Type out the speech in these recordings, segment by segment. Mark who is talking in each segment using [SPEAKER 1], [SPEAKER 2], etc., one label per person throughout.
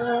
[SPEAKER 1] Thank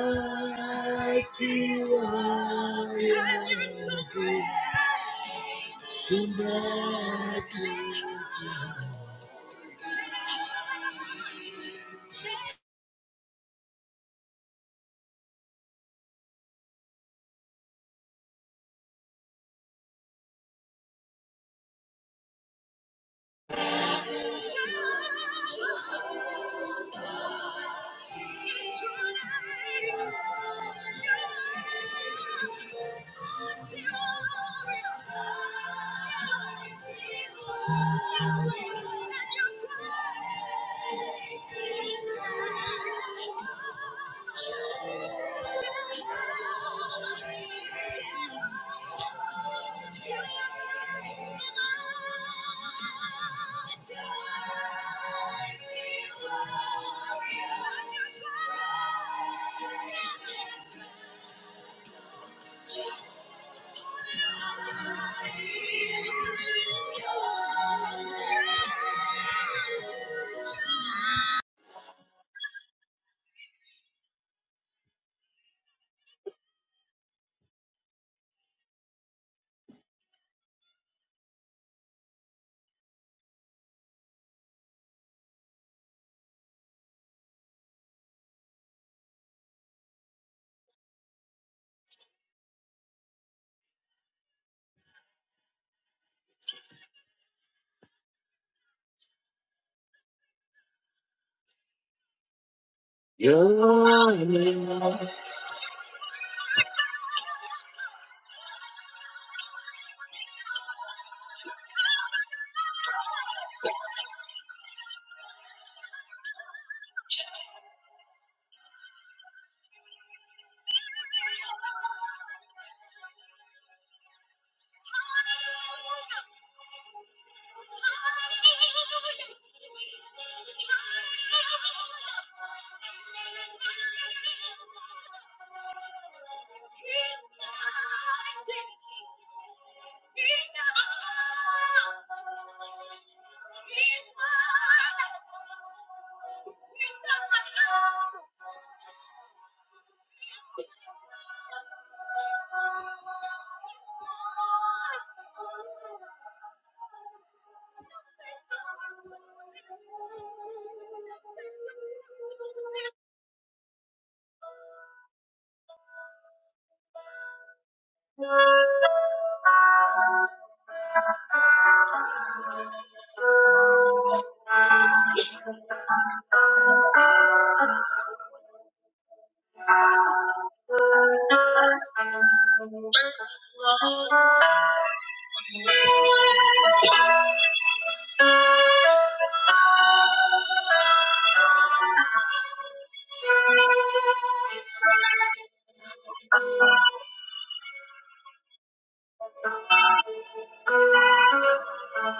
[SPEAKER 1] you.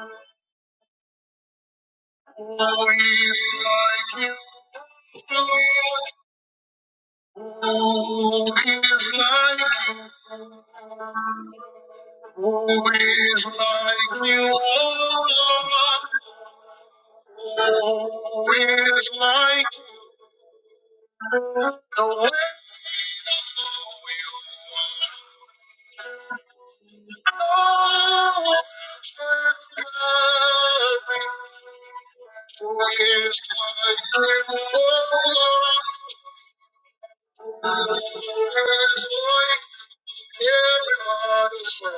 [SPEAKER 1] Who is like you, the Lord? Who is like you. Who is like you, O Lord? Who is like you, the way Oh, it's heavy. Who is like you, O Lord? It's like everybody said.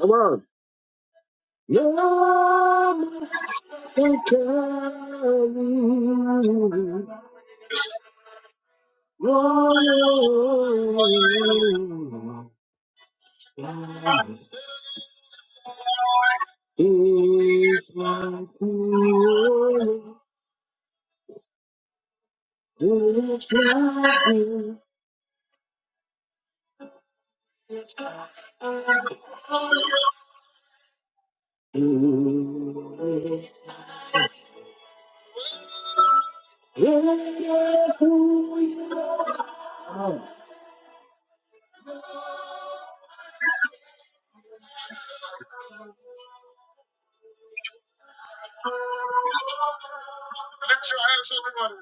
[SPEAKER 1] Come on. No, they can. No, it's like you. It's like you. Yes, who you are. Oh. Lift your hands, everybody.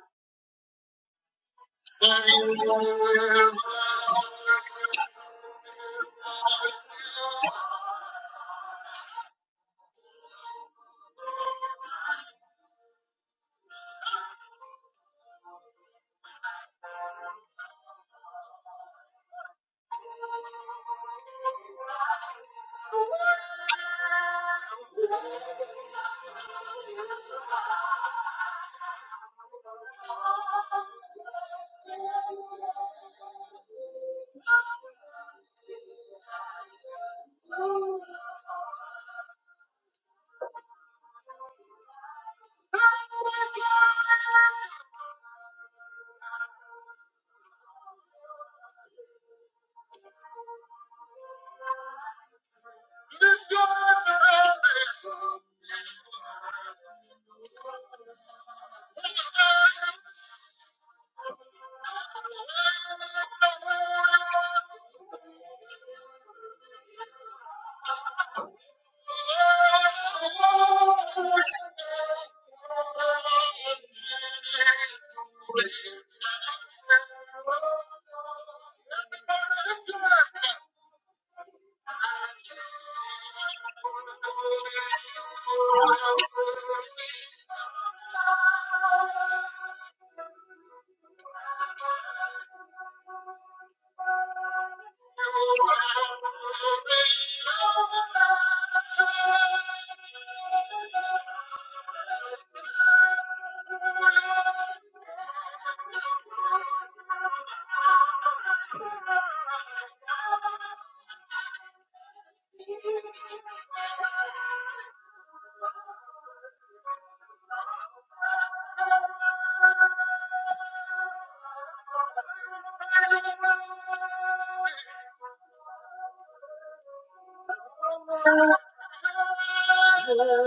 [SPEAKER 1] The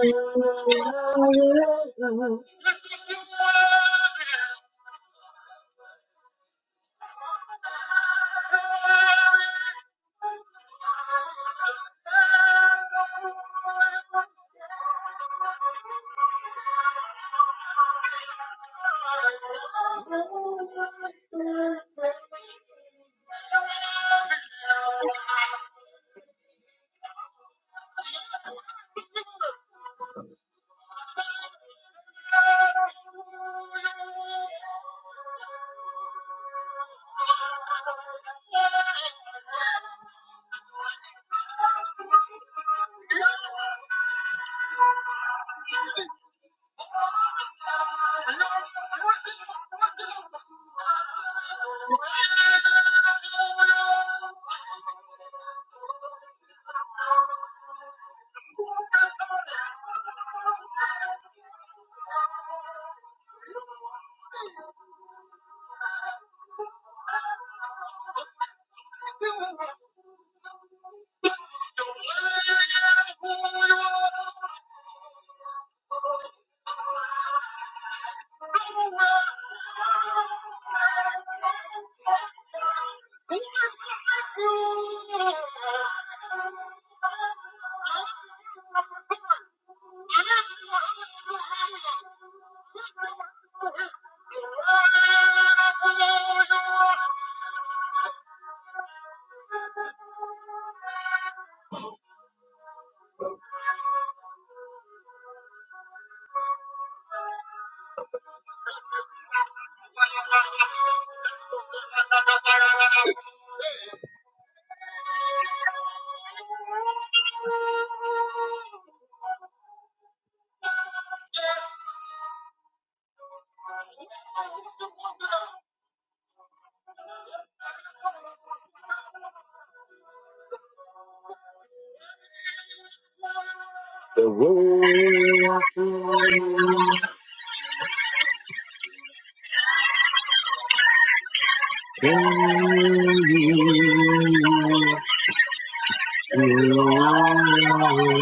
[SPEAKER 1] world will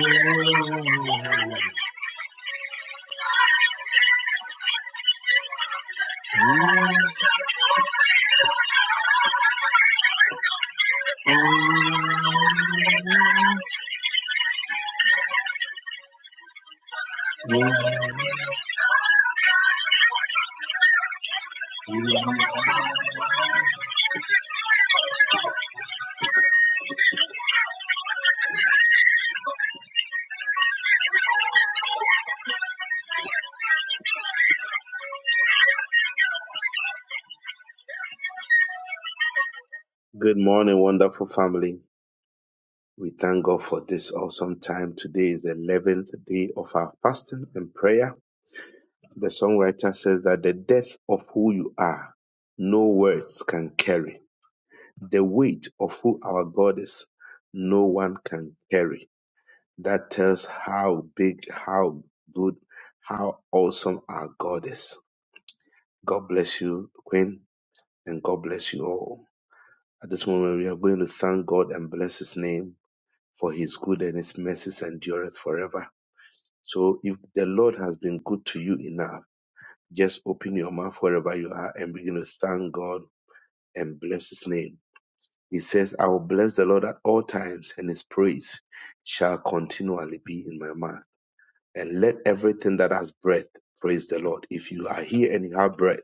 [SPEAKER 1] be Good morning, wonderful family. We thank God for this awesome time to the seventh day of our of who no words can carry. The weight of who others no one can carry. That tells how big, how good, how awesome us. And God bless you all. At this moment, we are going to thank God and bless His name for His good and His mercies endureth forever. So if the Lord has been good to you enough, just open your mouth wherever you are and begin to thank God and bless his name. He says, I will bless the Lord at all times and his praise shall continually be in my mouth. And let everything that has breath praise the Lord. If you are here and you have breath,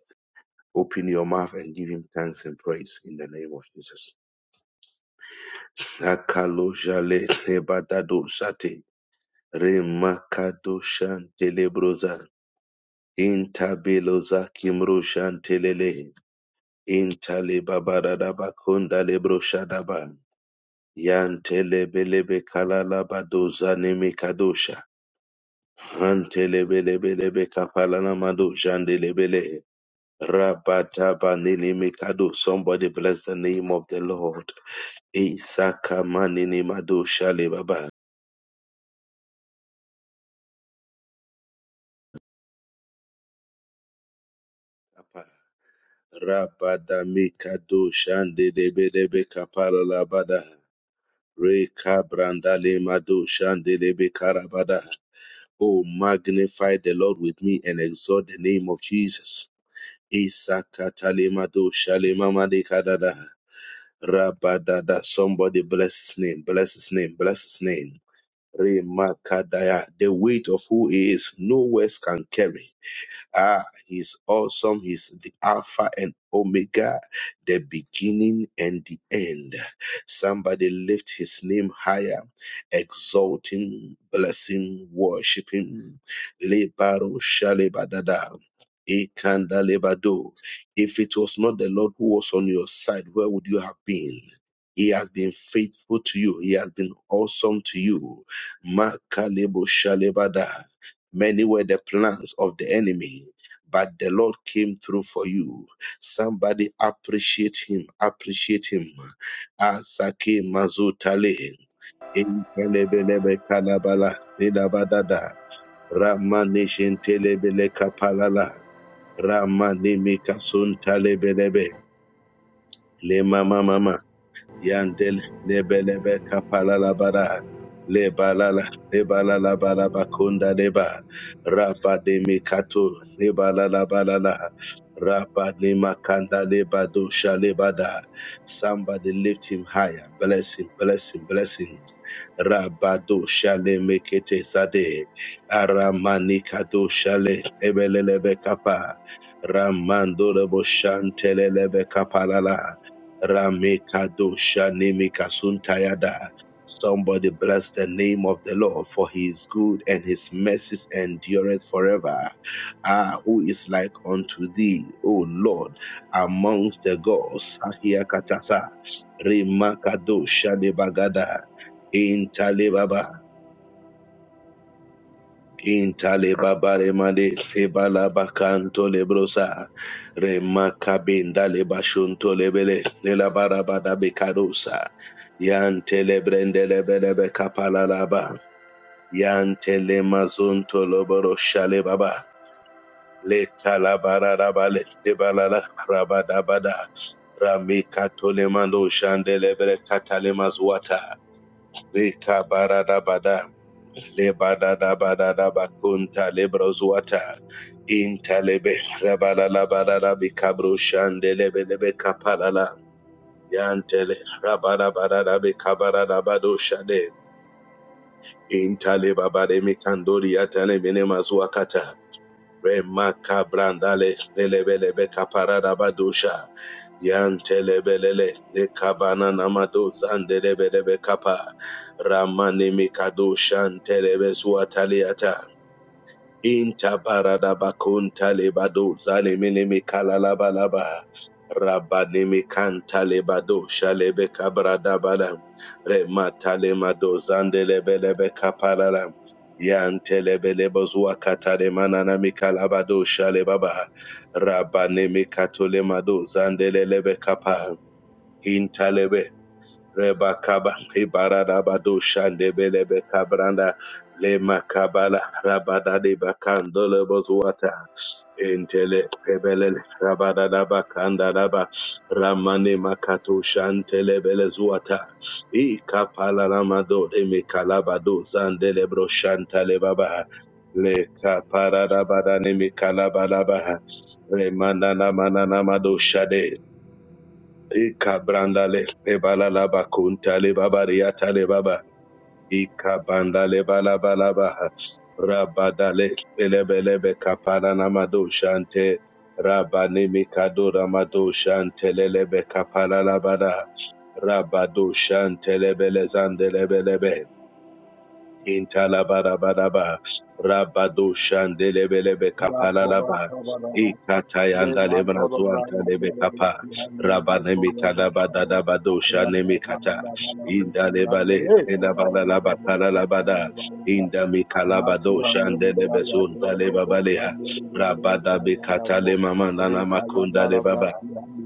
[SPEAKER 1] open your mouth and give him thanks and praise in the name of Jesus. Akalo jale tebadado shate, remakado shantelebrozate. Intabeloza kimro shantelele. Intale babarada bakonda lebro shadaba. Yantele belebe kalala badoza neme kadosha. Hantele belebelebe kapalana mado jandelebele. Rabata banini mikado. Somebody bless the name of the Lord. Isaka manini madosha le baba. Rabada mikado shandelebelebe kapala labada. Reka brandale mado shandele karabada. Oh, magnify the Lord with me and exalt the name of Jesus. Isakatale mado shale mamade kadada. Rabadada. Somebody bless his name, bless his name, bless his name. Remakadaya. The weight of who he is, no words can carry. Ah, he's awesome. He's the Alpha and Omega, the beginning and the end. Somebody lift his name higher, exalt him, bless him, worship him. Lebaro shalebadada. Ekandalebado. If it was not the Lord who was on your side, where would you have been? He has been faithful to you. He has been awesome to you. Makalebo shalebada. Many were the plans of the enemy, but the Lord came through for you. Somebody appreciate him, appreciate him. Asake mazutale, enkelebelebe kalabala, edabadada, ramanishin telebele kapalala, ramanimikasun talebelebe, lemamamama. Yandel Nebelebe Kapalala Bara Lebalala Lebalala Baraba Kunda Leba Rapa de Mikato Lebalala Balala Balala Rapa de Makanda Leba Dosha Lebada Somebody lift him higher. Bless him, bless him, bless him. Rabado Shale Mekete Sade Aramanikado Shale Ebelelebe Kapa Ramando Lebo Shantelelebe Kapalala Ramekadosha Nemikasuntayada. Somebody bless the name of the Lord, for he is good and his mercies endureth forever. Ah, who is like unto thee, O Lord, amongst the gods? Ahia katasa, Remakadosha Nebagada, Intalebaba, Intale babare made lebala bakanto lebrosa remakabenda lebashunto lebele lebara bada bekarusa yante lebrende lebele bekapala laba yante le mazunto loboro shale baba le talabara raba le lebalala rabada bada ramika tole mando shande lebre katale mazwata rekabara Lebadadabadadabakunta lebrozuata. Intalebe rabalalabararabi kabrushandelebelebe kapalala. Yantele rabarabarabi kabararabadoshade. Intalebabaremi kandori yatalebene mazuakata. Remaka brandale lelebelebe kapararabadosha. Yantelebelele de kabana namado zandelebelebe kapa. Ramane mikadoshantelebe zuataliata. Inta parada bakunta lebado zalemene me kalala balaba. Rabane me kanta lebado shalebe kabrada balam. Remata lemado zande lebelebe kapalalam. Yante lebele bozua katale manana me kalabado shalebaba. Rabane me katole mado zande lelebe kapa. Inta lebe kapal. Intalebe Rebakaba Ibaradabado Shandebelebe Cabranda Le Macabala Rabada de Bacandole Bozuata Intele Pebele Rabada da Bacanda Daba Ramane Makato Shantele Belezuata I Capala Ramado de Micalabado Zandele Broshantale Baba Le Caparabada Nemikalabalabaha Remanana Manana manana Mado shade Ika brandale le balalaba kunta le babariata le baba. Ika bandale balabalaba. Rabadale be kapana namado shante. Rabani mikado ramado shante le le be kapala labada. Rabado shante le lebele zande le bele be Intalabarabadaba. Rabado Shandelebelebe
[SPEAKER 2] Father,
[SPEAKER 1] Kapalalaba. Ikatayanda Lebrazuanta Lebe Kapa. Rabanemitadabadadabado Shanemikata. Indalebale Elabalalaba Kalalabada. Indamikalabado Shandelebe Sunta Lebabalea. Rabada Bekatale Mamanana Makunda Lebaba.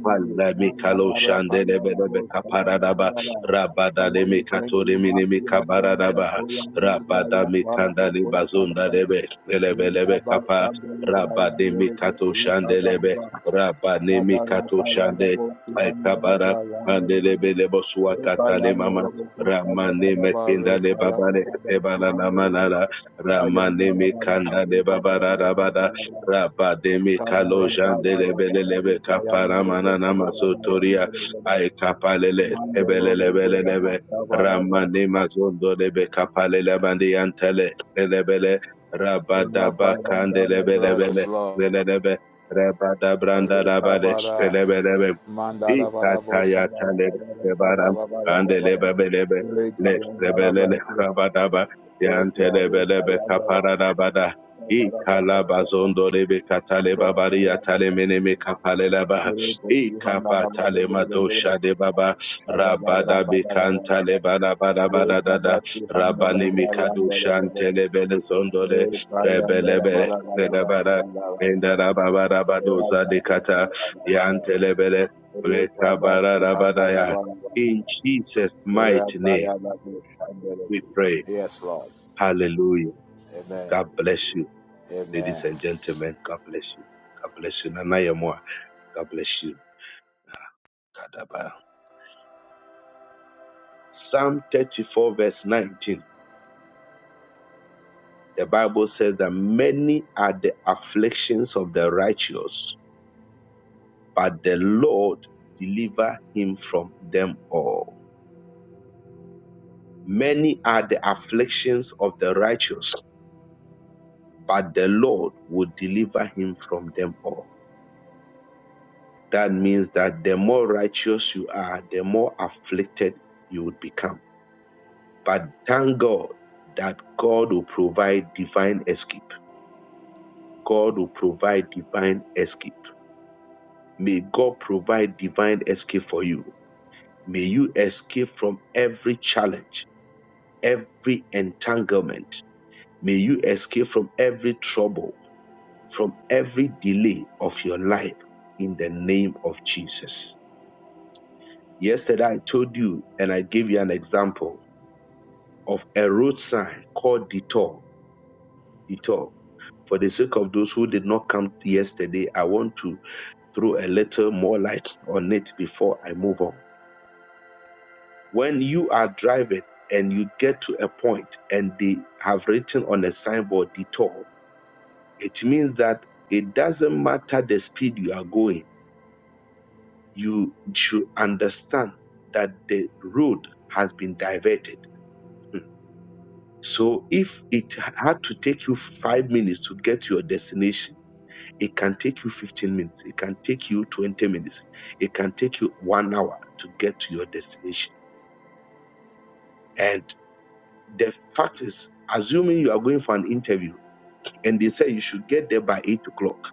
[SPEAKER 1] Walla mikalo shandele belebe kaparadaba rabada de
[SPEAKER 2] we thank
[SPEAKER 1] mikato de
[SPEAKER 2] you,
[SPEAKER 1] minimi
[SPEAKER 2] Matthew, Hamdon,
[SPEAKER 1] kabaradaba
[SPEAKER 2] Ibrahim,
[SPEAKER 1] rabada
[SPEAKER 2] Ibrahim,
[SPEAKER 1] mitanda
[SPEAKER 2] Balabo,
[SPEAKER 1] libazunda
[SPEAKER 2] Kosh,
[SPEAKER 1] lebe lebe lebe kapa
[SPEAKER 2] Mandolo
[SPEAKER 1] rabade mikato shande lebe rabane mikato shande aikabara ande lebe lebo suakata le mama ramane mekinda le babare ebala la manara ramane mikanda le babara rabada rabade mikalo shande lebe lebe kapa ramana namazotoria Aikapalele, ebelelebelelebe, Ramani mazondo lebe kapalele bandi antele, lebele, rabadaba kande lebelebele, lelebe, rabada branda rabade,
[SPEAKER 2] Rabara
[SPEAKER 1] lebelebe,
[SPEAKER 2] Manda da ba da Mandala da bosha
[SPEAKER 1] ikataya
[SPEAKER 2] da,
[SPEAKER 1] tale,
[SPEAKER 2] ba ba
[SPEAKER 1] lebaram,
[SPEAKER 2] ba ba, ya ba
[SPEAKER 1] kande
[SPEAKER 2] bala bala.
[SPEAKER 1] lebelebe,
[SPEAKER 2] Lita
[SPEAKER 1] le,
[SPEAKER 2] ya ba da
[SPEAKER 1] lebelele,
[SPEAKER 2] bala.
[SPEAKER 1] rabadaba,
[SPEAKER 2] Yes Lord.
[SPEAKER 1] yantele
[SPEAKER 2] Lita
[SPEAKER 1] belebe,
[SPEAKER 2] ya ba da.
[SPEAKER 1] kapara E
[SPEAKER 2] bala bala bala
[SPEAKER 1] calabazondo rebe
[SPEAKER 2] bala.
[SPEAKER 1] catale
[SPEAKER 2] Lita
[SPEAKER 1] babaria
[SPEAKER 2] ya bala
[SPEAKER 1] tale
[SPEAKER 2] bala.
[SPEAKER 1] meneme capalela ba.
[SPEAKER 2] Lita
[SPEAKER 1] E
[SPEAKER 2] si handa
[SPEAKER 1] capa
[SPEAKER 2] bala bala
[SPEAKER 1] tale
[SPEAKER 2] bala bala.
[SPEAKER 1] madosha de baba.
[SPEAKER 2] Shaba bala bala
[SPEAKER 1] Rabada
[SPEAKER 2] bala bala
[SPEAKER 1] becanta le
[SPEAKER 2] bala.
[SPEAKER 1] bada bada bada
[SPEAKER 2] Lita
[SPEAKER 1] dada.
[SPEAKER 2] bala si handa da
[SPEAKER 1] Rabane
[SPEAKER 2] bala ya
[SPEAKER 1] mikado
[SPEAKER 2] bala bala.
[SPEAKER 1] shantele belezondole.
[SPEAKER 2] Lita ya bala da bala
[SPEAKER 1] Rebelebele.
[SPEAKER 2] bala shanda bala bala. da ba da bala bala. Lita bala si handa bala da. bala. Lita ya bala
[SPEAKER 1] Belebara. Endara baba rabadoza de kata. Yantelebele. Rekabara rabadaya. In Jesus' mighty name
[SPEAKER 2] bala shanda
[SPEAKER 1] we
[SPEAKER 2] bala.
[SPEAKER 1] pray.
[SPEAKER 2] Yes Lord.
[SPEAKER 1] Hallelujah.
[SPEAKER 2] Amen.
[SPEAKER 1] God bless you.
[SPEAKER 2] Amen.
[SPEAKER 1] Ladies and gentlemen, God bless you. God bless you. Nana Yemoa, God bless you. Kadaba. Psalm 34, verse 19. The Bible says that many are the afflictions of the righteous, but the Lord deliver him from them all. Many are the afflictions of the righteous, but the Lord will deliver him from them all. That means that the more righteous you are, the more afflicted you would become But thank God that God will provide divine escape. God will provide divine escape. May God provide divine escape for you. May you escape from every challenge, every entanglement. May you escape from every trouble, from every delay of your life in the name of Jesus. Yesterday I told you and I gave you an example of a road sign called detour it all. For the sake of those who did not come yesterday, I want to throw a little more light on it before I move on. When you are driving and you get to a point and they have written on a signboard detour, it means that it doesn't matter the speed you are going, you should understand that the road has been diverted. So if it had to take you five minutes to get to your destination, It can take you 15 minutes. It can take you 20 minutes. It can take you one hour to get to your destination. And the fact is, assuming you are going for an interview and they say you should get there by 8 o'clock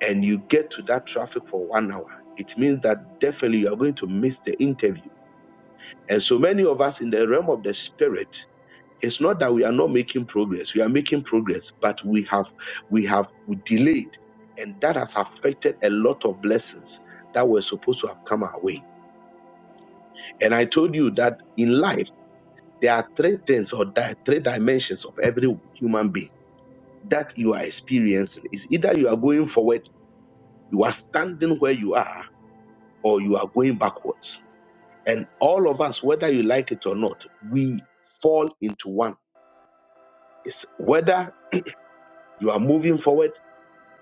[SPEAKER 1] and you get to that traffic for one hour, it means that definitely you are going to miss the interview. And so many of us in the realm of the spirit It's not that we are not making progress. We are making progress, but we have we have delayed, and that has affected a lot of blessings that were supposed to have come our way. And I told you that in life there are three things or di- three dimensions of every human being that you are experiencing. Is either you are going forward, you are standing where you are, or you are going backwards. And all of us, whether you like it or not, we fall into one. It's whether you are moving forward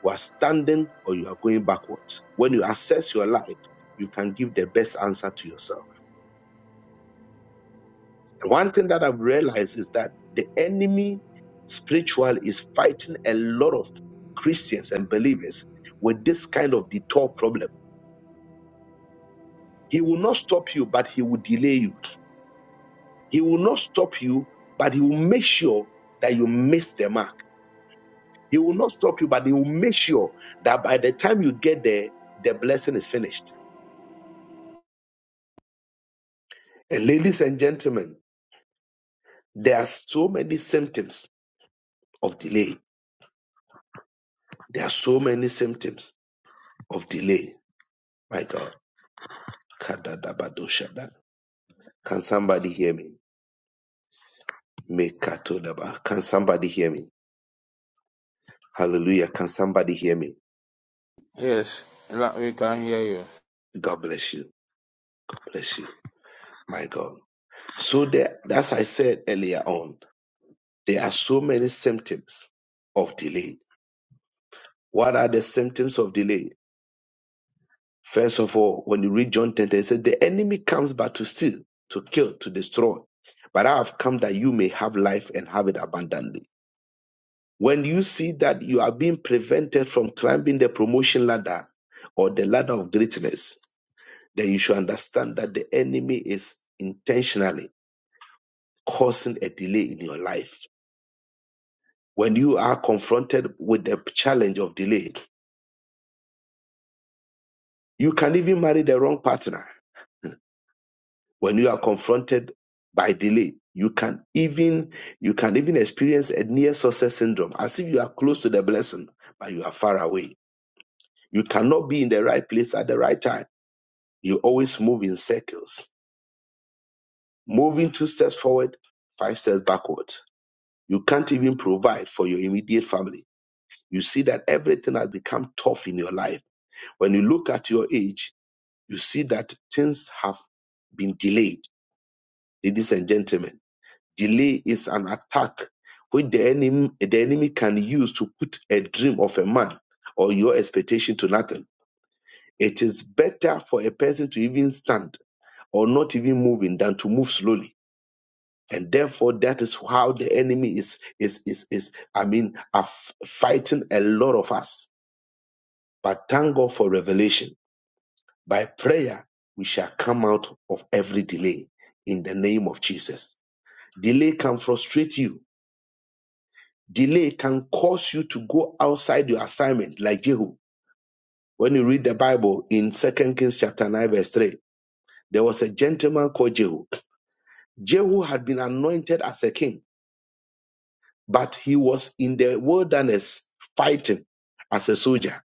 [SPEAKER 1] You are standing or you are going backwards. When you assess your life, you can give the best answer to yourself. And one thing that I've realized is that the enemy spiritual is fighting a lot of Christians and believers with this kind of detour problem. He will not stop you, but he will delay you. He will not stop you, but he will make sure that you miss the mark. He will not stop you, but he will make sure that by the time you get there, the blessing is finished. And ladies and gentlemen, There are so many symptoms of delay. There are so many symptoms of delay. My God. Kadadabadoshada. Can somebody hear me? Mekatodaba. Can somebody hear me? Hallelujah. Can somebody hear me?
[SPEAKER 2] Yes, we can hear you.
[SPEAKER 1] God bless you. Bless you. My God. So there, as I said earlier on, there are so many symptoms of delay. What are the symptoms of delay? First of all, when you read John 10, it says, The enemy comes but to steal, to kill, to destroy. But I have come that you may have life and have it abundantly. When you see that you are being prevented from climbing the promotion ladder or the ladder of greatness, then you should understand that the enemy is intentionally causing a delay in your life. When you are confronted with the challenge of delay, you can even marry the wrong partner when you are confronted by delay you can even you can even experience a near success syndrome as if you are close to the blessing but you are far away you cannot be in the right place at the right time you always move in circles moving two steps forward five steps backward you can't even provide for your immediate family you see that everything has become tough in your life when you look at your age you see that things have been delayed ladies and gentlemen Delay is an attack which the enemy, the enemy can use to put a dream of a man or your expectation to nothing. It is better for a person to even stand or not even moving than to move slowly. And therefore, that is how the enemy is is is is. I mean, are fighting a lot of us. But thank God for revelation. By prayer, we shall come out of every delay in the name of Jesus. Delay can frustrate you Delay can cause you to go outside your assignment, like Jehu. When you read the Bible in 2 Kings chapter 9, verse 3, there was a gentleman called Jehu. Jehu had been anointed as a king, but he was in the wilderness fighting as a soldier.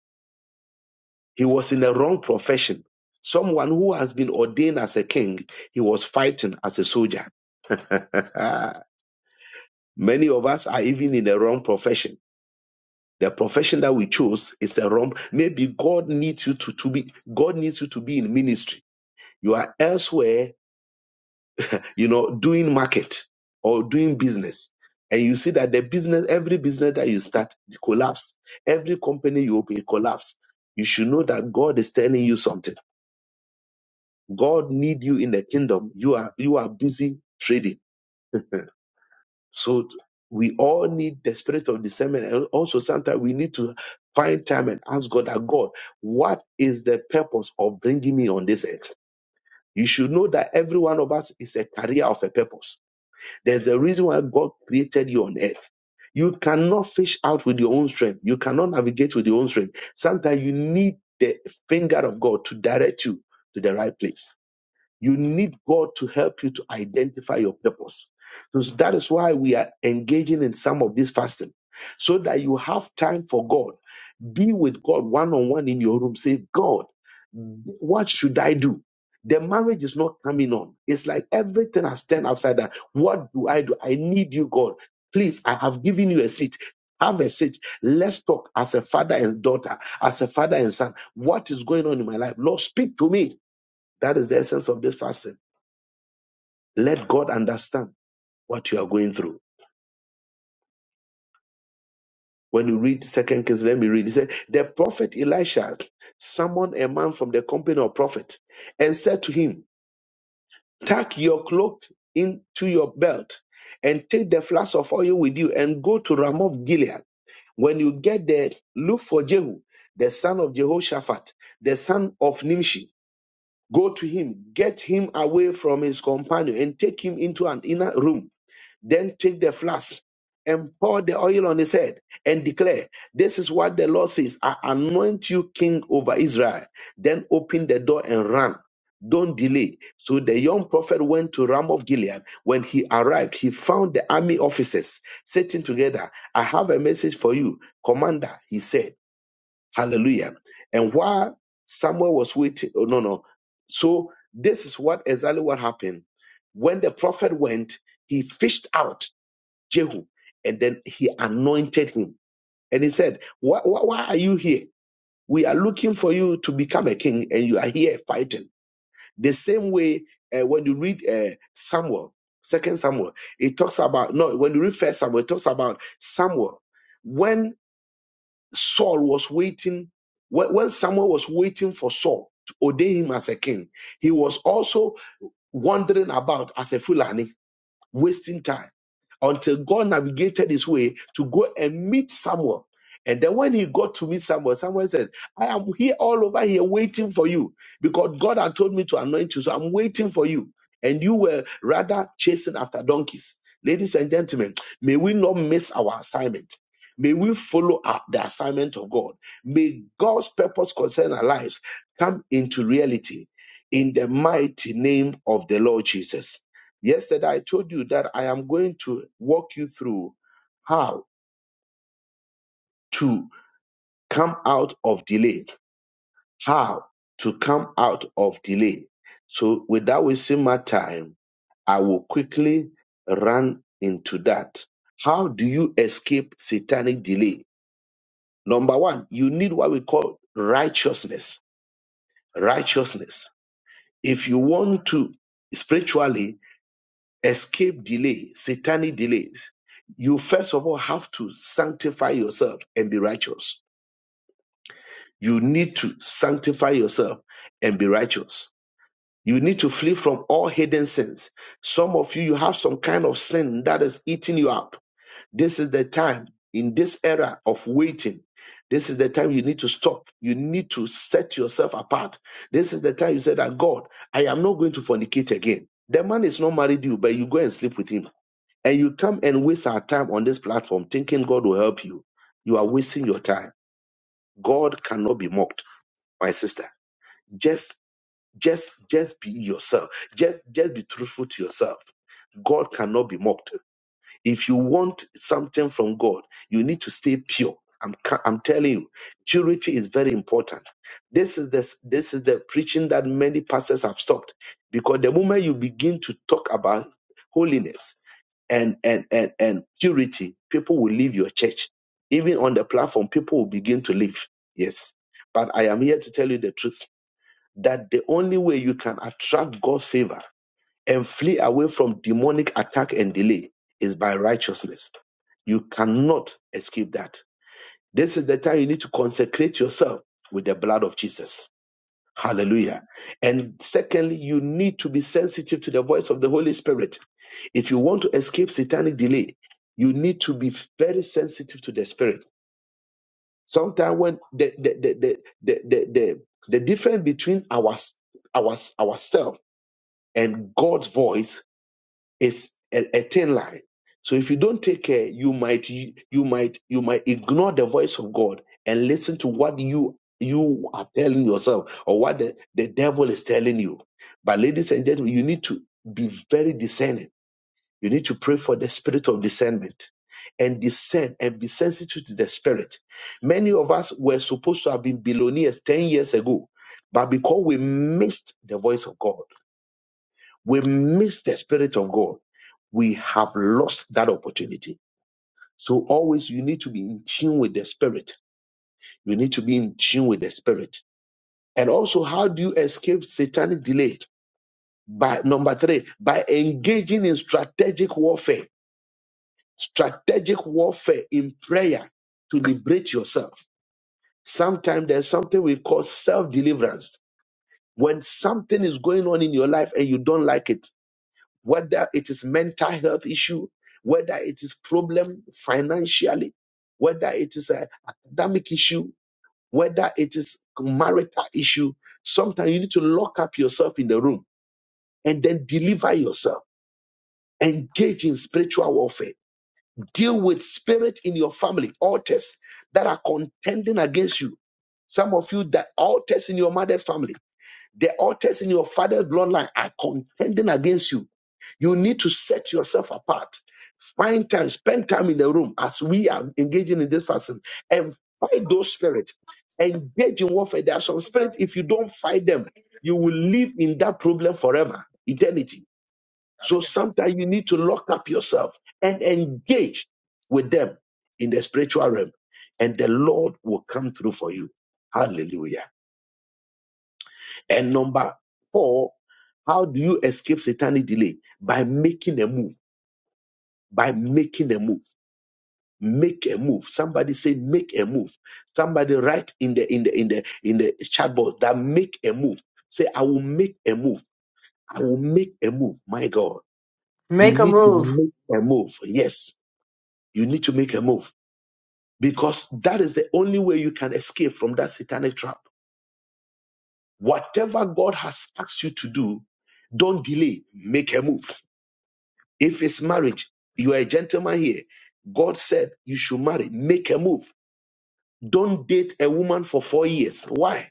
[SPEAKER 1] He was in the wrong profession. Someone who has been ordained as a king, he was fighting as a soldier. Many of us are even in the wrong profession The profession that we chose is the wrong. Maybe God needs you to, to be God needs you to be in ministry. You are elsewhere, you know, doing market or doing business. And you see that the business, every business that you start it collapse. Every company you open it collapse. You should know that God is telling you something. God need you in the kingdom. You are you are busy trading So we all need the spirit of discernment. And also sometimes we need to find time and ask God that God, what is the purpose of bringing me on this earth? You should know that every one of us is a carrier of a purpose. There's a reason why God created you on earth. You cannot fish out with your own strength. You cannot navigate with your own strength. Sometimes you need the finger of God to direct you to the right place. You need God to help you to identify your purpose. So that is why we are engaging in some of this fasting, so that you have time for God. Be with God one on one in your room. Say, God, what should I do? The marriage is not coming on. It's like everything has turned outside that. What do I do? I need you, God. Please, I have given you a seat. Have a seat. Let's talk as a father and daughter, as a father and son. What is going on in my life? Lord, speak to me. That is the essence of this fasting. Let God understand what you are going through. When you read Second Kings, let me read. He said, The prophet Elisha summoned a man from the company of prophet and said to him, Tuck your cloak into your belt and take the flask of oil with you and go to Ramoth Gilead. When you get there, look for Jehu, the son of Jehoshaphat, the son of Nimshi. Go to him, get him away from his companion, and take him into an inner room Then take the flask and pour the oil on his head and declare, This is what the Lord says I anoint you king over Israel. Then open the door and run. Don't delay. So the young prophet went to Ram of Gilead. When he arrived, he found the army officers sitting together. I have a message for you, commander, he said. Hallelujah. And while Samuel was waiting, oh, no, no. So this is what exactly what happened. When the prophet went, he fished out Jehu, and then he anointed him. And he said, why, why, why are you here? We are looking for you to become a king, and you are here fighting. The same way uh, when you read uh, Samuel, Second Samuel, it talks about no. When you read First Samuel, it talks about Samuel. When Saul was waiting, when, when Samuel was waiting for Saul to ordain him as a king, he was also wandering about as a Fulani wasting time until God navigated his way to go and meet Samuel. And then when he got to meet Samuel, Samuel said, I am here all over here waiting for you because God had told me to anoint you. So I'm waiting for you. And you were rather chasing after donkeys. Ladies and gentlemen, may we not miss our assignment. May we follow up the assignment of God. May God's purpose concerning our lives come into reality in the mighty name of the Lord Jesus. Yesterday, I told you that I am going to walk you through how to come out of delay, how to come out of delay. So, without wasting my time, I will quickly run into that. How do you escape satanic delay? Number one, you need what we call righteousness. Righteousness. If you want to spiritually escape delay, satanic delays, you first of all have to sanctify yourself and be righteous. You need to sanctify yourself and be righteous. You need to flee from all hidden sins. Some of you, you have some kind of sin that is eating you up. This is the time in this era of waiting. This is the time you need to stop. You need to set yourself apart. This is the time you say that God, I am not going to fornicate again. The man is not married to you, but you go and sleep with him and you come and waste our time on this platform thinking God will help you, you are wasting your time. God cannot be mocked, my sister. Just, just, just be yourself. Just, just be truthful to yourself. God cannot be mocked. If you want something from God, you need to stay pure. I'm, ca- I'm telling you, purity is very important. This is this this is the preaching that many pastors have stopped because the moment you begin to talk about holiness, and and and and purity, people will leave your church. Even on the platform, people will begin to leave. Yes. But I am here to tell you the truth that the only way you can attract God's favor and flee away from demonic attack and delay is by righteousness. You cannot escape that. This is the time you need to consecrate yourself with the blood of Jesus Hallelujah. And secondly, you need to be sensitive to the voice of the Holy Spirit. If you want to escape satanic delay, you need to be very sensitive to the Spirit. Sometimes when the the the the the the, the, the difference between our, our ourselves and God's voice is a, a thin line. So if you don't take care, you might you might you might ignore the voice of God and listen to what you you are telling yourself or what the, the devil is telling you. But ladies and gentlemen, you need to be very discerning. You need to pray for the spirit of discernment and discern and be sensitive to the spirit. Many of us were supposed to have been billionaires 10 years ago, but because we missed the voice of God we miss the Spirit of God, we have lost that opportunity. So always you need to be in tune with the Spirit. You need to be in tune with the Spirit. And also, how do you escape satanic delay? By number three, by engaging in strategic warfare, strategic warfare in prayer to liberate yourself. Sometimes there's something we call self deliverance. When something is going on in your life and you don't like it, whether it is mental health issue, whether it is problem financially, whether it is an academic issue, whether it is marital issue. Sometimes you need to lock up yourself in the room and then deliver yourself. Engage in spiritual warfare. Deal with spirit in your family, altars that are contending against you. Some of you, the altars in your mother's family the altars in your father's bloodline are contending against you. You need to set yourself apart. Find time, spend time in the room as we are engaging in this person and fight those spirits. Engage in warfare. There are some spirits, if you don't fight them, you will live in that problem forever, eternity. So
[SPEAKER 3] Gracias.
[SPEAKER 1] sometimes you need to lock up yourself and engage with them in the spiritual realm, and the Lord will come through for you. Hallelujah. And number four, how do you escape satanic delay? By making a move, by making a move. Make a move. Somebody say make a move. Somebody write in the in the in the in the chat box that make a move. Say, I will make a move. I will make a move. My God, you
[SPEAKER 4] Make a
[SPEAKER 1] need to
[SPEAKER 4] move.
[SPEAKER 1] make a move. Yes, you need to make a move because that is the only way you can escape from that satanic trap. Whatever God has asked you to do, don't delay. Make a move. If it's marriage, you are a gentleman here. God said you should marry. Make a move. Don't date a woman for four years. Why?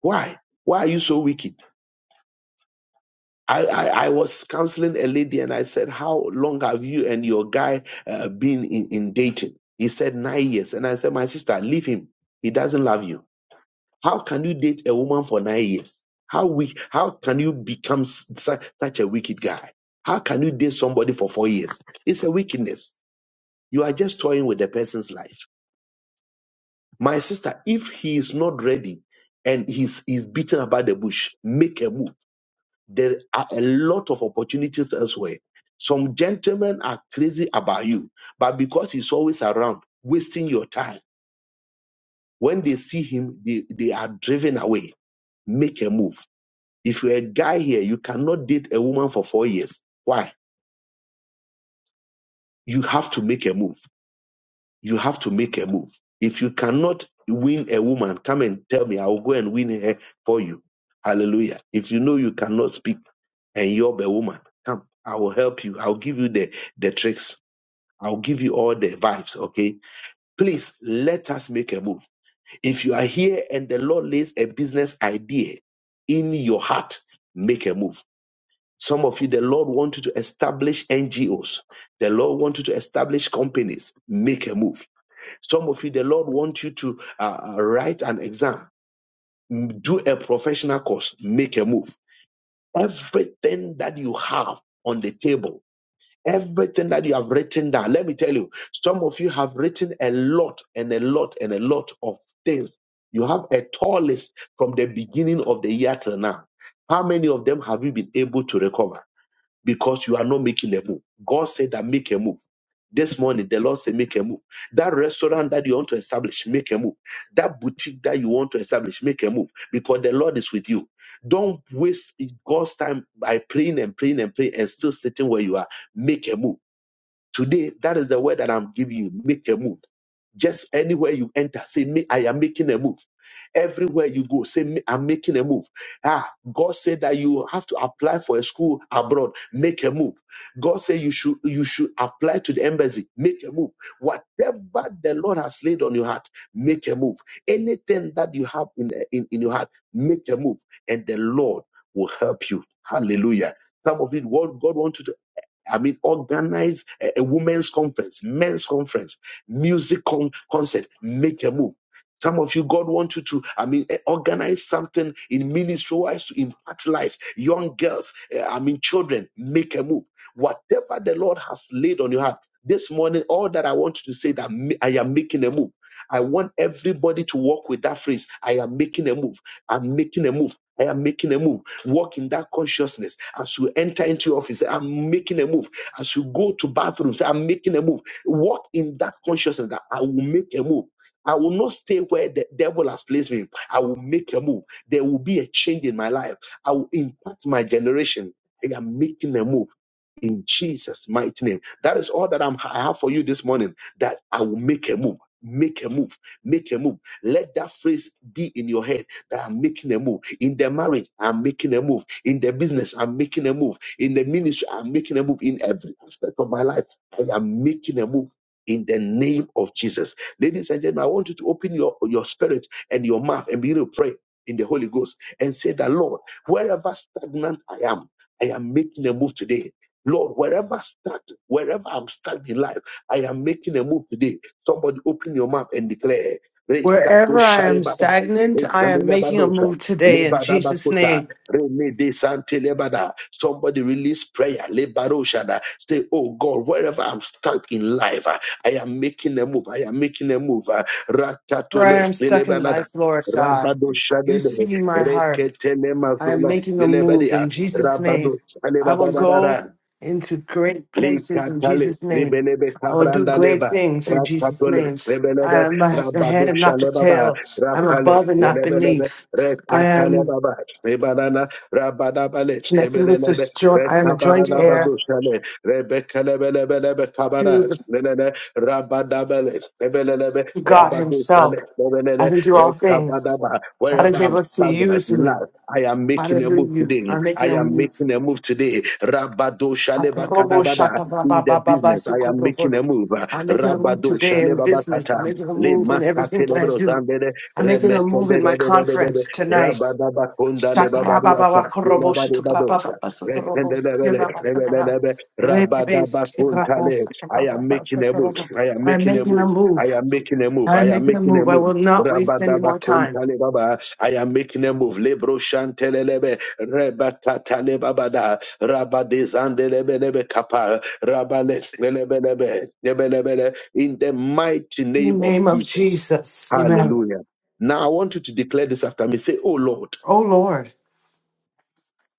[SPEAKER 1] Why? Why are you so wicked? I, I, I was counseling a lady and I said, How long have you and your guy uh, been in, in dating? He said, Nine years. And I said, My sister, leave him. He doesn't love you. How can you date a woman for nine years? How we? How can you become such, such a wicked guy? How can you date somebody for four years? It's a wickedness. You are just toying with the person's life. My sister, if he is not ready and he's, he's beaten about the bush, make a move. There are a lot of opportunities elsewhere. Some gentlemen are crazy about you, but because he's always around, wasting your time, when they see him, they, they are driven away. Make a move. If you're a guy here, you cannot date a woman for four years. Why? You have to make a move You have to make a move. If you cannot win a woman, come and tell me. I will go and win her for you. Hallelujah. If you know you cannot speak and you're a woman, come. I will help you. I'll give you the, the tricks. I'll give you all the vibes. Okay. Please let us make a move. If you are here and the Lord lays a business idea in your heart, make a move. Some of you, the Lord wanted to establish NGOs. The Lord wanted to establish companies. Make a move some of you, the Lord wants you to uh, uh, write an exam, do a professional course, make a move. Everything that you have on the table, everything that you have written down, let me tell you, some of you have written a lot and a lot and a lot of things. You have a tall list from the beginning of the year till now. How many of them have you been able to recover? because you are not making a move. God said that make a move. This morning, the Lord said, make a move. That restaurant that you want to establish, make a move. That boutique that you want to establish, make a move because the Lord is with you. Don't waste God's time by praying and praying and praying and still sitting where you are. Make a move Today, that is the word that I'm giving you. Make a move. Just anywhere you enter, say, me, I am making a move. Everywhere you go, say, me, I'm making a move. Ah, God said that you have to apply for a school abroad. Make a move. God said you should you should apply to the embassy. Make a move. Whatever the Lord has laid on your heart, make a move. Anything that you have in, in, in your heart, make a move. And the Lord will help you. Hallelujah. Some of it, what God wants you to I mean, organize a, a women's conference, men's conference, music con- concert, make a move. Some of you, God wants you to, I mean, eh, organize something in ministry wise to impact lives. Young girls, eh, I mean, children, make a move. Whatever the Lord has laid on your heart this morning, all that I want you to say that ma- I am making a move. I want everybody to walk with that phrase. I am making a move. I'm making a move. I am making a move. Walk in that consciousness as you enter into your office. I'm making a move. As you go to bathrooms, I'm making a move. Walk in that consciousness that I will make a move. I will not stay where the devil has placed me. I will make a move. There will be a change in my life. I will impact my generation. I am making a move in Jesus' mighty name. That is all that I'm, I have for you this morning. That I will make a move. Make a move, make a move. Let that phrase be in your head that I'm making a move. In the marriage, I'm making a move. In the business, I'm making a move. In the ministry, I'm making a move. In every aspect of my life, I am making a move in the name of Jesus. Ladies and gentlemen, I want you to open your, your spirit and your mouth and begin to pray in the Holy Ghost and say that, Lord, wherever stagnant I am, I am making a move today. Lord, wherever I stand, wherever I'm standing in life, I am making a move today. Somebody open your mouth and declare. "Rekato
[SPEAKER 4] Wherever I
[SPEAKER 1] share
[SPEAKER 4] am
[SPEAKER 1] baba,
[SPEAKER 4] stagnant, I am making a move today in Jesus'
[SPEAKER 1] lebadabakota,
[SPEAKER 4] name.
[SPEAKER 1] remede Somebody release prayer. lebaroshada. Say, Oh God, wherever I'm stuck in life, ah, I am making a move. I am making a move. ah.
[SPEAKER 4] Where I
[SPEAKER 1] Rakatole,
[SPEAKER 4] am stuck in
[SPEAKER 1] lelebalada,
[SPEAKER 4] life, Lord God, you
[SPEAKER 1] rabadoshadebe,
[SPEAKER 4] see my heart. I am
[SPEAKER 1] reketelemazola,
[SPEAKER 4] making a move
[SPEAKER 1] lelebadia,
[SPEAKER 4] in Jesus' name. I will
[SPEAKER 1] rabadoshalebabarara.
[SPEAKER 4] go into great places in
[SPEAKER 1] Likatale,
[SPEAKER 4] Jesus' name.
[SPEAKER 1] Ribelebe
[SPEAKER 4] I will do
[SPEAKER 1] Sabranda
[SPEAKER 4] great
[SPEAKER 1] Leba,
[SPEAKER 4] things in Jesus'
[SPEAKER 1] Raspatole,
[SPEAKER 4] name. I
[SPEAKER 1] Rebelebe,
[SPEAKER 4] am the head and
[SPEAKER 1] Rabadusha
[SPEAKER 4] not the
[SPEAKER 1] Lebaba,
[SPEAKER 4] tail. I'm
[SPEAKER 1] Rapale,
[SPEAKER 4] above and not
[SPEAKER 1] Rebelebe,
[SPEAKER 4] beneath. I
[SPEAKER 1] Rekatale
[SPEAKER 4] am
[SPEAKER 1] Baba, Rebanana, Rabadabale,
[SPEAKER 4] connected with
[SPEAKER 1] Rebelebe,
[SPEAKER 4] this joint. I am a joint heir
[SPEAKER 1] Rekabarabadusha, Rebecca Lebelebe
[SPEAKER 4] to,
[SPEAKER 1] Kabara,
[SPEAKER 4] the,
[SPEAKER 1] Lene, Rabadabele, Rebelebe,
[SPEAKER 4] to God
[SPEAKER 1] Rabadusha,
[SPEAKER 4] Himself. I
[SPEAKER 1] Lebele,
[SPEAKER 4] can do all things.
[SPEAKER 1] Rekabadaba,
[SPEAKER 4] God
[SPEAKER 1] wherever
[SPEAKER 4] is
[SPEAKER 1] I'm
[SPEAKER 4] able to
[SPEAKER 1] stagnant
[SPEAKER 4] use
[SPEAKER 1] in
[SPEAKER 4] me.
[SPEAKER 1] standing, I am making a move
[SPEAKER 4] Hallelujah.
[SPEAKER 1] today.
[SPEAKER 4] I'm
[SPEAKER 1] I
[SPEAKER 4] making a
[SPEAKER 1] am
[SPEAKER 4] move.
[SPEAKER 1] making a move today. Rabado Shaleba
[SPEAKER 4] Atorobo
[SPEAKER 1] Kadabada in the
[SPEAKER 4] shatababababa
[SPEAKER 1] business. I am making
[SPEAKER 4] sukorobo.
[SPEAKER 1] a move.
[SPEAKER 4] I'm making a move
[SPEAKER 1] Rabado
[SPEAKER 4] today in
[SPEAKER 1] Shaleba
[SPEAKER 4] business. I'm
[SPEAKER 1] Bakata.
[SPEAKER 4] making a
[SPEAKER 1] Le
[SPEAKER 4] move in everything
[SPEAKER 1] Makate
[SPEAKER 4] that I
[SPEAKER 1] Lodro
[SPEAKER 4] do.
[SPEAKER 1] Zambede.
[SPEAKER 4] I'm making a move in
[SPEAKER 1] Remekende
[SPEAKER 4] my
[SPEAKER 1] Lodro
[SPEAKER 4] conference tonight.
[SPEAKER 1] Rabada Bakonda Leba Bariata.
[SPEAKER 4] Shatababababa
[SPEAKER 1] Leba
[SPEAKER 4] korobo shatababababa sukorobo sikiraba sakara. Rebebe
[SPEAKER 1] Rabada Bakunta
[SPEAKER 4] sikiraba
[SPEAKER 1] I am
[SPEAKER 4] sakabababa
[SPEAKER 1] making a move.
[SPEAKER 4] sukorobo.
[SPEAKER 1] I am
[SPEAKER 4] I'm
[SPEAKER 1] making a
[SPEAKER 4] making a
[SPEAKER 1] move. I
[SPEAKER 4] move.
[SPEAKER 1] am making a move. I
[SPEAKER 4] I'm
[SPEAKER 1] am
[SPEAKER 4] making a
[SPEAKER 1] making a
[SPEAKER 4] move. I
[SPEAKER 1] move.
[SPEAKER 4] will not waste
[SPEAKER 1] Rabada
[SPEAKER 4] any more time.
[SPEAKER 1] Bakunta Lebaba. I am making a move. Lebro shantelelebe rebatatalebabada rabadezandelebelebe kapa rabalelebelebe lebelebele in the mighty
[SPEAKER 4] In the
[SPEAKER 1] name of
[SPEAKER 4] name of
[SPEAKER 1] Jesus.
[SPEAKER 4] Jesus. Amen.
[SPEAKER 1] Hallelujah. Now I want you to declare this after me. Say, Oh Lord,
[SPEAKER 4] Oh Lord,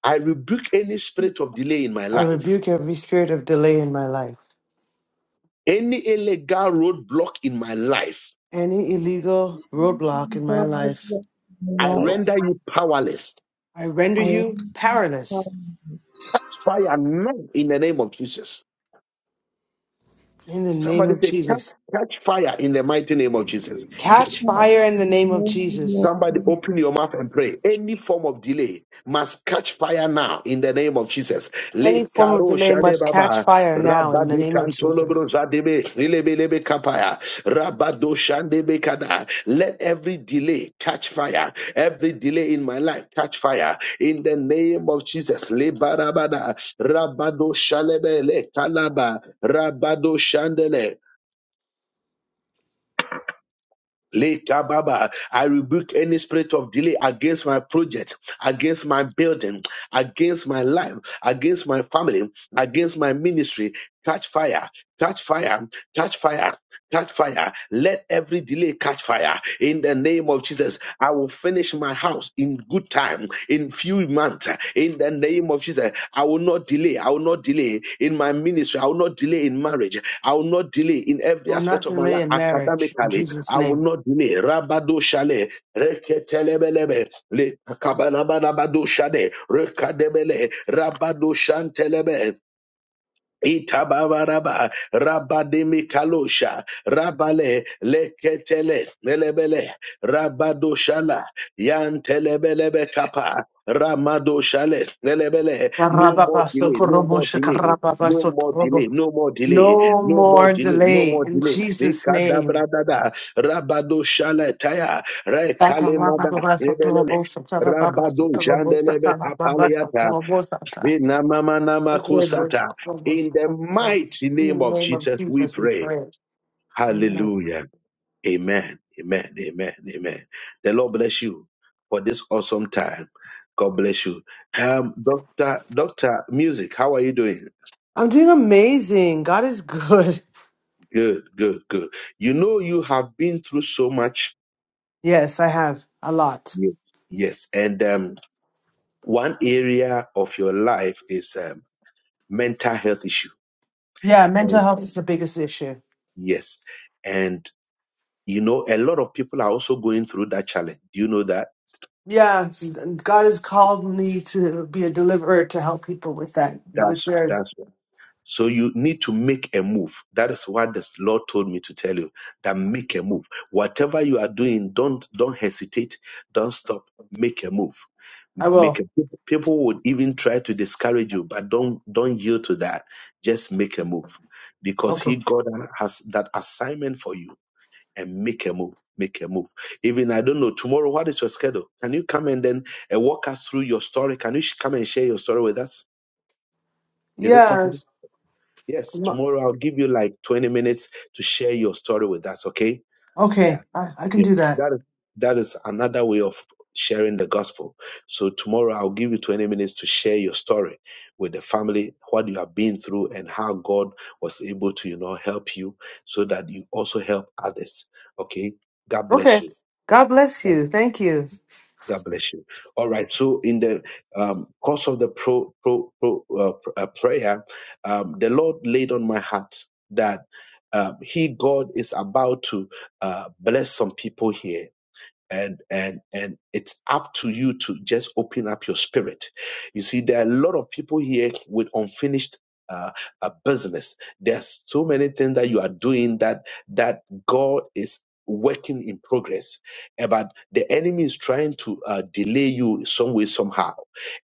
[SPEAKER 1] I rebuke any spirit of delay in my
[SPEAKER 4] I
[SPEAKER 1] life,
[SPEAKER 4] rebuke every spirit of delay in my life,
[SPEAKER 1] any illegal roadblock in my life.
[SPEAKER 4] any illegal roadblock in my
[SPEAKER 5] Lord,
[SPEAKER 4] life.
[SPEAKER 5] bless my
[SPEAKER 1] I
[SPEAKER 5] life.
[SPEAKER 1] render you powerless.
[SPEAKER 4] I render
[SPEAKER 5] I
[SPEAKER 4] you
[SPEAKER 5] want
[SPEAKER 4] powerless
[SPEAKER 1] Catch fire now in the name of Jesus.
[SPEAKER 4] in the name
[SPEAKER 1] Somebody
[SPEAKER 4] of
[SPEAKER 1] say, catch,
[SPEAKER 4] Jesus.
[SPEAKER 1] catch fire in the mighty name of Jesus. Catch
[SPEAKER 4] Catch
[SPEAKER 1] fire.
[SPEAKER 4] fire in the name of
[SPEAKER 5] to
[SPEAKER 4] Jesus.
[SPEAKER 1] Somebody open your mouth and pray. Any form of delay must catch fire now in the name of Jesus. Le
[SPEAKER 4] Any form of
[SPEAKER 1] karo
[SPEAKER 4] delay
[SPEAKER 1] shale
[SPEAKER 4] must catch
[SPEAKER 1] baba.
[SPEAKER 4] fire now in the
[SPEAKER 1] Rabade
[SPEAKER 4] name of
[SPEAKER 1] kantolo bro
[SPEAKER 4] Jesus.
[SPEAKER 1] zadebe. kapaya. Rabado shandebe kada. Let every delay catch fire. Every delay in my life catch fire. In the name of Jesus. Le barabada. Rabado shalebe le kalaba. Rabado shandele. Lekababa. I rebuke any spirit of delay against my project, against my building, against my life, against my family, against my ministry. Catch fire, catch fire, catch fire, catch fire. Let every delay catch fire in the name of Jesus. I will finish my house in good time, in few months, in the name of Jesus. I will not delay. I will not delay in my ministry. I will not delay in marriage. I will not delay in
[SPEAKER 4] I
[SPEAKER 1] every
[SPEAKER 4] will not
[SPEAKER 1] aspect of my
[SPEAKER 4] delay
[SPEAKER 1] life
[SPEAKER 4] a marriage in
[SPEAKER 1] academically.
[SPEAKER 4] Jesus'
[SPEAKER 1] I will
[SPEAKER 4] name.
[SPEAKER 1] not delay. Rabado shale, reketelebelebe, le kabanabanabado shade, rekadebele, rabado shantelebe, Itababaraba, Rabadimikalosha, Rabale, Leketele, Melebele, Rabadoshala, Yantelebelebe Kappa, Ramadoshale, Melebele,
[SPEAKER 4] No
[SPEAKER 1] no more delay, no more delay. No more delay, no more delay, no more
[SPEAKER 4] more
[SPEAKER 1] delay, no
[SPEAKER 4] delay
[SPEAKER 1] more
[SPEAKER 4] in
[SPEAKER 1] delay.
[SPEAKER 4] Jesus'
[SPEAKER 1] Rikada
[SPEAKER 4] name.
[SPEAKER 1] bradada, rabado shaletaya,
[SPEAKER 4] In
[SPEAKER 1] rekale mada,
[SPEAKER 4] the
[SPEAKER 1] rebelele, rabado jandelebe kapaleata, Vinamamanamakosata. In the mighty name of
[SPEAKER 4] name of
[SPEAKER 1] Jesus, we
[SPEAKER 4] Jesus, we
[SPEAKER 1] pray.
[SPEAKER 4] pray. Amen.
[SPEAKER 1] Hallelujah. Amen. Amen. Amen. Amen. The Lord bless you for this awesome time. God bless you. Um, Doctor, Doctor Music, how are you doing?
[SPEAKER 4] I'm doing amazing. God is good.
[SPEAKER 1] Good, good, good. You know, you have been through so much.
[SPEAKER 4] Yes, I have a lot.
[SPEAKER 1] Yes. Yes. And um, one area of your life is um, mental health issue.
[SPEAKER 4] Yeah, mental
[SPEAKER 1] And
[SPEAKER 4] health is the biggest issue.
[SPEAKER 1] yes. And You know, a lot of people are also going through that challenge. Do you know that?
[SPEAKER 4] Yeah, God has called me to be a deliverer to help people with that.
[SPEAKER 1] Yeah,
[SPEAKER 4] With theirs,
[SPEAKER 1] that's So you need to make a move. That is what the Lord told me to tell you. That make a move. Whatever you are doing, don't don't hesitate. Don't stop. Make a move.
[SPEAKER 4] I
[SPEAKER 1] Make
[SPEAKER 4] will.
[SPEAKER 1] a people would even try to discourage you, but don't don't yield to that. Just make a move. Because
[SPEAKER 4] Okay.
[SPEAKER 1] he God has that assignment for you and make a move. Make a move. Even I don't know tomorrow. What is your schedule? Can you come and then uh, walk us through your story? Can you sh- come and share your story with us? Is it possible?
[SPEAKER 4] Yes.
[SPEAKER 1] Yes. Tomorrow I'll give you like 20 minutes to share your story with us. Okay?
[SPEAKER 4] Okay,
[SPEAKER 1] Yeah.
[SPEAKER 4] I, I can do
[SPEAKER 1] Yes.
[SPEAKER 4] that.
[SPEAKER 1] That is that is another way of sharing the gospel. So tomorrow I'll give you 20 minutes to share your story with the family, what you have been through, and how God was able to you know help you so that you also help others. Okay. God bless
[SPEAKER 4] Okay.
[SPEAKER 1] you.
[SPEAKER 4] God bless you. Thank you.
[SPEAKER 1] God bless you. All right. So in the um, course of the pro, pro, pro uh, pr- uh, prayer, um, the Lord laid on my heart that um, He, God, is about to uh, bless some people here and and and it's up to you to just open up your spirit you see there are a lot of people here with unfinished uh, uh, business there's so many things that you are doing that that god is working in progress Eh, but the enemy is trying to uh, delay you some way somehow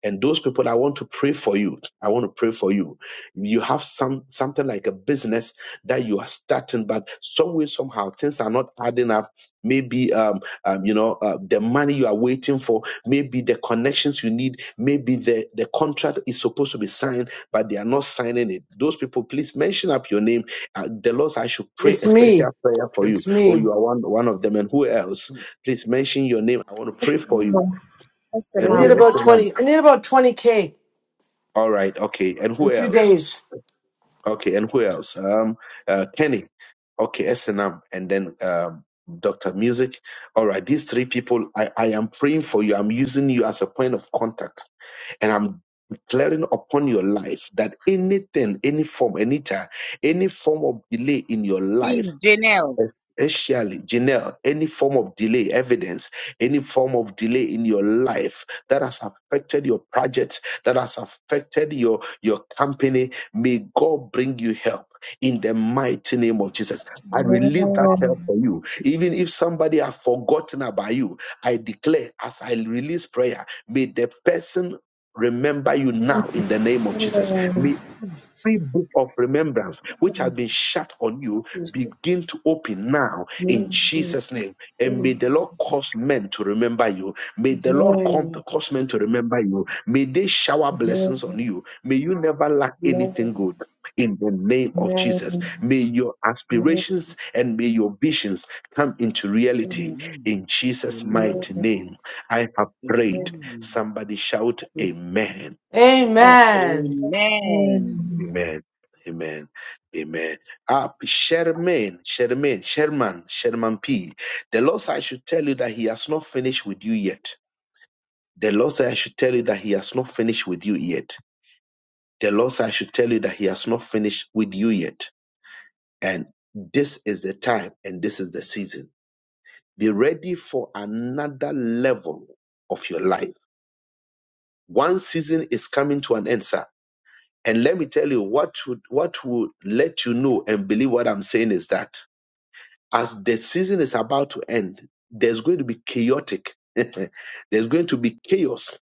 [SPEAKER 1] and those people i want to pray for you i want to pray for you you have some something like a business that you are starting but some way somehow things are not adding up maybe um, um, you know, uh, the money you are waiting for, maybe the connections you need, maybe the, the contract is supposed to be signed, but they are not signing it. Those people, please mention up your name. Uh, the Lord, I should pray
[SPEAKER 4] It's
[SPEAKER 1] a
[SPEAKER 4] me.
[SPEAKER 1] special prayer for you.
[SPEAKER 4] It's
[SPEAKER 1] Oh,
[SPEAKER 4] me.
[SPEAKER 1] you are one, one of them. And who else? Please mention your name. I want to pray for you.
[SPEAKER 4] I
[SPEAKER 1] And
[SPEAKER 4] need
[SPEAKER 5] Salam. Salam.
[SPEAKER 1] who else?
[SPEAKER 4] about
[SPEAKER 1] And, um,
[SPEAKER 4] 20. I need about 20K
[SPEAKER 1] All right. Okay. And
[SPEAKER 4] in
[SPEAKER 1] who
[SPEAKER 4] a few
[SPEAKER 1] else?
[SPEAKER 4] days.
[SPEAKER 1] Okay, and who else? Um, uh, Kenny. Okay, SNM, and M, and then um, Doctor Music. All right, these three people. I, I am praying for you. I'm using you as a point of contact, and I'm declaring upon your life that anything, any form, any time, any form of delay in your life.
[SPEAKER 6] Please, Janelle.
[SPEAKER 1] Especially, Janelle, any form of delay, evidence, any form of delay in your life that has affected your project, that has affected your, your company, may God bring you help. In the mighty name of Jesus, I release that help for you. Even if somebody have forgotten about you, I declare as I release prayer, may the person remember you now in the name of Jesus. May every book of remembrance which has been shut on you begin to open now in Jesus' name. And
[SPEAKER 5] Amen.
[SPEAKER 1] may the Lord cause men to remember you. May the Lord
[SPEAKER 5] Amen.
[SPEAKER 1] come, cause men to remember you. May they shower
[SPEAKER 5] Amen.
[SPEAKER 1] blessings on you. May you never lack anything good in the name of
[SPEAKER 5] Amen.
[SPEAKER 1] Jesus. May your
[SPEAKER 5] Amen.
[SPEAKER 1] aspirations and may your visions come into reality
[SPEAKER 6] Amen.
[SPEAKER 1] in Jesus' mighty
[SPEAKER 6] Amen.
[SPEAKER 1] name. I have prayed. Somebody shout, Amen. Amen.
[SPEAKER 4] Amen.
[SPEAKER 5] Amen.
[SPEAKER 6] Amen. Amen.
[SPEAKER 1] Amen. Amen. Amen. Up, Sherman, Sherman, Sherman, Sherman P. The Lord said, I should tell you that He has not finished with you yet. The Lord said, I should tell you that He has not finished with you yet. The Lord said, I should tell you that He has not finished with you yet. And this is the time and this is the season. Be ready for another level of your life. One season is coming to an end, sir. And let me tell you what would what would let you know and believe what I'm saying is that as the season is about to end, there's going to be chaotic. there's going to be chaos.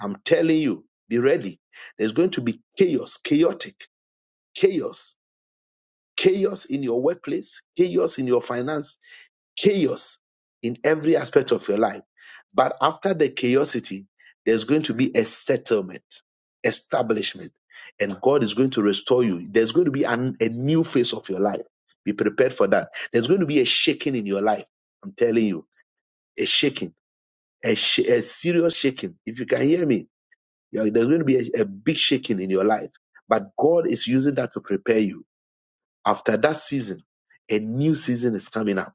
[SPEAKER 1] I'm telling you, be ready. There's going to be chaos, chaotic, chaos, chaos in your workplace, chaos in your finance chaos in every aspect of your life. But after the chaosity, there's going to be a settlement, establishment, and God is going to restore you. There's going to be an, a new phase of your life. Be prepared for that. There's going to be a shaking in your life. I'm telling you, a shaking, a, sh- a serious shaking. If you can hear me, yeah, there's going to be a, a big shaking in your life. But God is using that to prepare you. After that season, a new season is coming up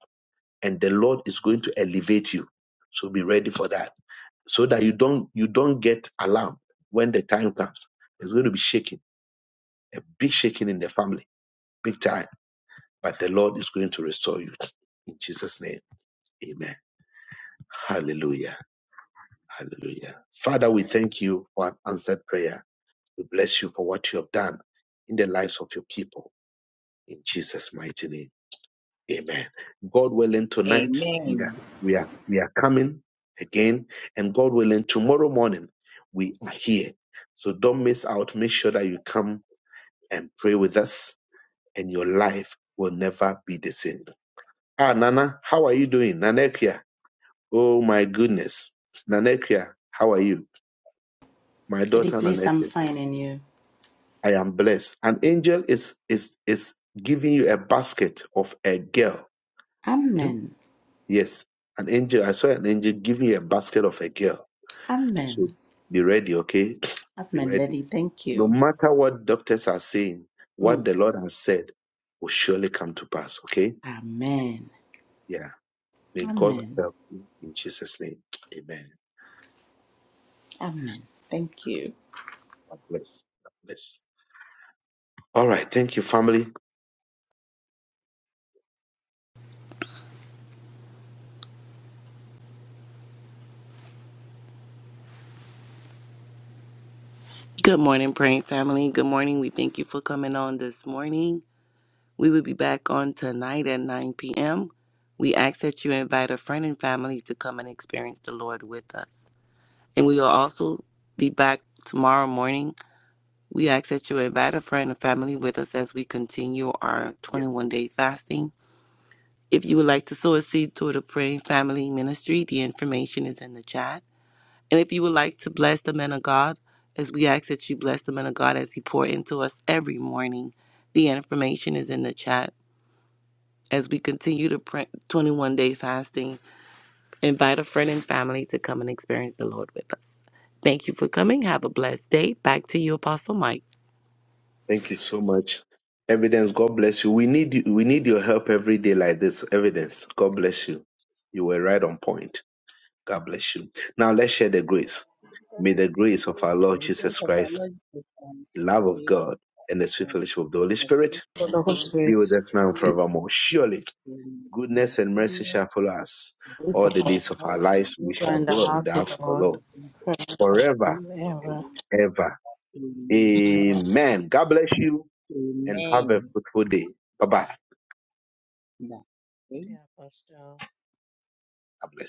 [SPEAKER 1] and the Lord is going to elevate you. So be ready for that. So that you don't you don't get alarmed when the time comes. There's going to be shaking, a big shaking in the family, big time. But the Lord is going to restore you. In Jesus' name. Amen. Hallelujah. Hallelujah. Father, we thank you for an answered prayer. We bless you for what you have done in the lives of your people. In Jesus' mighty name. Amen. God willing, tonight
[SPEAKER 5] Amen.
[SPEAKER 1] we are
[SPEAKER 6] Amen.
[SPEAKER 1] we are we are coming again, and God willing, tomorrow morning we are here. So don't miss out. Make sure that you come and pray with us, and your life will never be the same. Ah, Nana, how are you doing, Nanekia? Oh my goodness, Nanekia, how are you, my
[SPEAKER 7] Daddy,
[SPEAKER 1] daughter
[SPEAKER 7] please, I'm
[SPEAKER 1] Nanekia?
[SPEAKER 7] fine in you.
[SPEAKER 1] I am blessed. An angel is is is giving you a basket of a girl.
[SPEAKER 7] Amen.
[SPEAKER 1] Yes, an angel. I saw an angel give me a basket of a girl.
[SPEAKER 7] Amen.
[SPEAKER 1] So be ready, okay? Be
[SPEAKER 7] Amen,
[SPEAKER 1] ready.
[SPEAKER 7] Daddy. Thank
[SPEAKER 1] No
[SPEAKER 7] you.
[SPEAKER 1] matter what doctors are saying, what
[SPEAKER 7] Mm.
[SPEAKER 1] the Lord has said will surely come to pass, okay?
[SPEAKER 7] Amen.
[SPEAKER 1] Yeah. May God
[SPEAKER 7] Amen.
[SPEAKER 1] help you in Jesus' name. Amen.
[SPEAKER 7] Amen. Thank you.
[SPEAKER 1] God bless. God bless. All right. Thank you, family.
[SPEAKER 8] Good morning, praying family. Good morning. We thank you for coming on this morning. We will be back on tonight at 9 p.m. We ask that you invite a friend and family to come and experience the Lord with us. And we will also be back tomorrow morning. We ask that you invite a friend and family with us as we continue our
[SPEAKER 1] Yes.
[SPEAKER 8] 21 day fasting. If you would like to sow a seed toward the Praying Family Ministry, the information is in the chat. And if you would like to bless the man of God, as we ask that you bless the man of God as he pour into us every morning, the information is in the chat. As we continue to print 21 day fasting, invite a friend and family to come and experience the Lord with us. Thank you for coming. Have a blessed day. Back to you, Apostle Mike.
[SPEAKER 1] Thank you so much. Evidence, God bless you. We need you. We need your help every day like this. Evidence, God bless you. You were right on point. God bless you. Now let's share the grace. May the grace of our Lord
[SPEAKER 6] May The grace
[SPEAKER 1] Jesus
[SPEAKER 6] of our
[SPEAKER 1] Christ,
[SPEAKER 6] Lord Jesus Christ,
[SPEAKER 1] the love of
[SPEAKER 6] the love
[SPEAKER 1] God, and the
[SPEAKER 6] of
[SPEAKER 1] sweet
[SPEAKER 6] God,
[SPEAKER 1] fellowship of the Holy
[SPEAKER 6] the
[SPEAKER 1] Spirit
[SPEAKER 6] fellowship
[SPEAKER 9] The Holy
[SPEAKER 6] of the
[SPEAKER 1] be with
[SPEAKER 9] Spirit
[SPEAKER 1] us now and
[SPEAKER 6] Holy
[SPEAKER 9] be
[SPEAKER 6] Spirit, the
[SPEAKER 1] forevermore.
[SPEAKER 6] Son,
[SPEAKER 1] Surely, goodness and mercy shall follow us
[SPEAKER 6] of the
[SPEAKER 9] with
[SPEAKER 1] all the days
[SPEAKER 9] us,
[SPEAKER 1] of our
[SPEAKER 6] Lord, the
[SPEAKER 1] lives. We
[SPEAKER 6] grace
[SPEAKER 9] who are
[SPEAKER 1] shall
[SPEAKER 9] in the
[SPEAKER 6] of
[SPEAKER 1] dwell in
[SPEAKER 9] house
[SPEAKER 1] the
[SPEAKER 9] of
[SPEAKER 1] house
[SPEAKER 9] the
[SPEAKER 1] of
[SPEAKER 6] the
[SPEAKER 1] the
[SPEAKER 9] Lord,
[SPEAKER 1] Lord
[SPEAKER 6] nation of
[SPEAKER 9] forever
[SPEAKER 6] Christ.
[SPEAKER 1] forever
[SPEAKER 9] and ever.
[SPEAKER 1] and ever.
[SPEAKER 6] Amen.
[SPEAKER 1] Amen. God bless you and have a fruitful day. Bye bye.
[SPEAKER 6] Amen.
[SPEAKER 10] Yeah, Pastor.
[SPEAKER 1] God bless.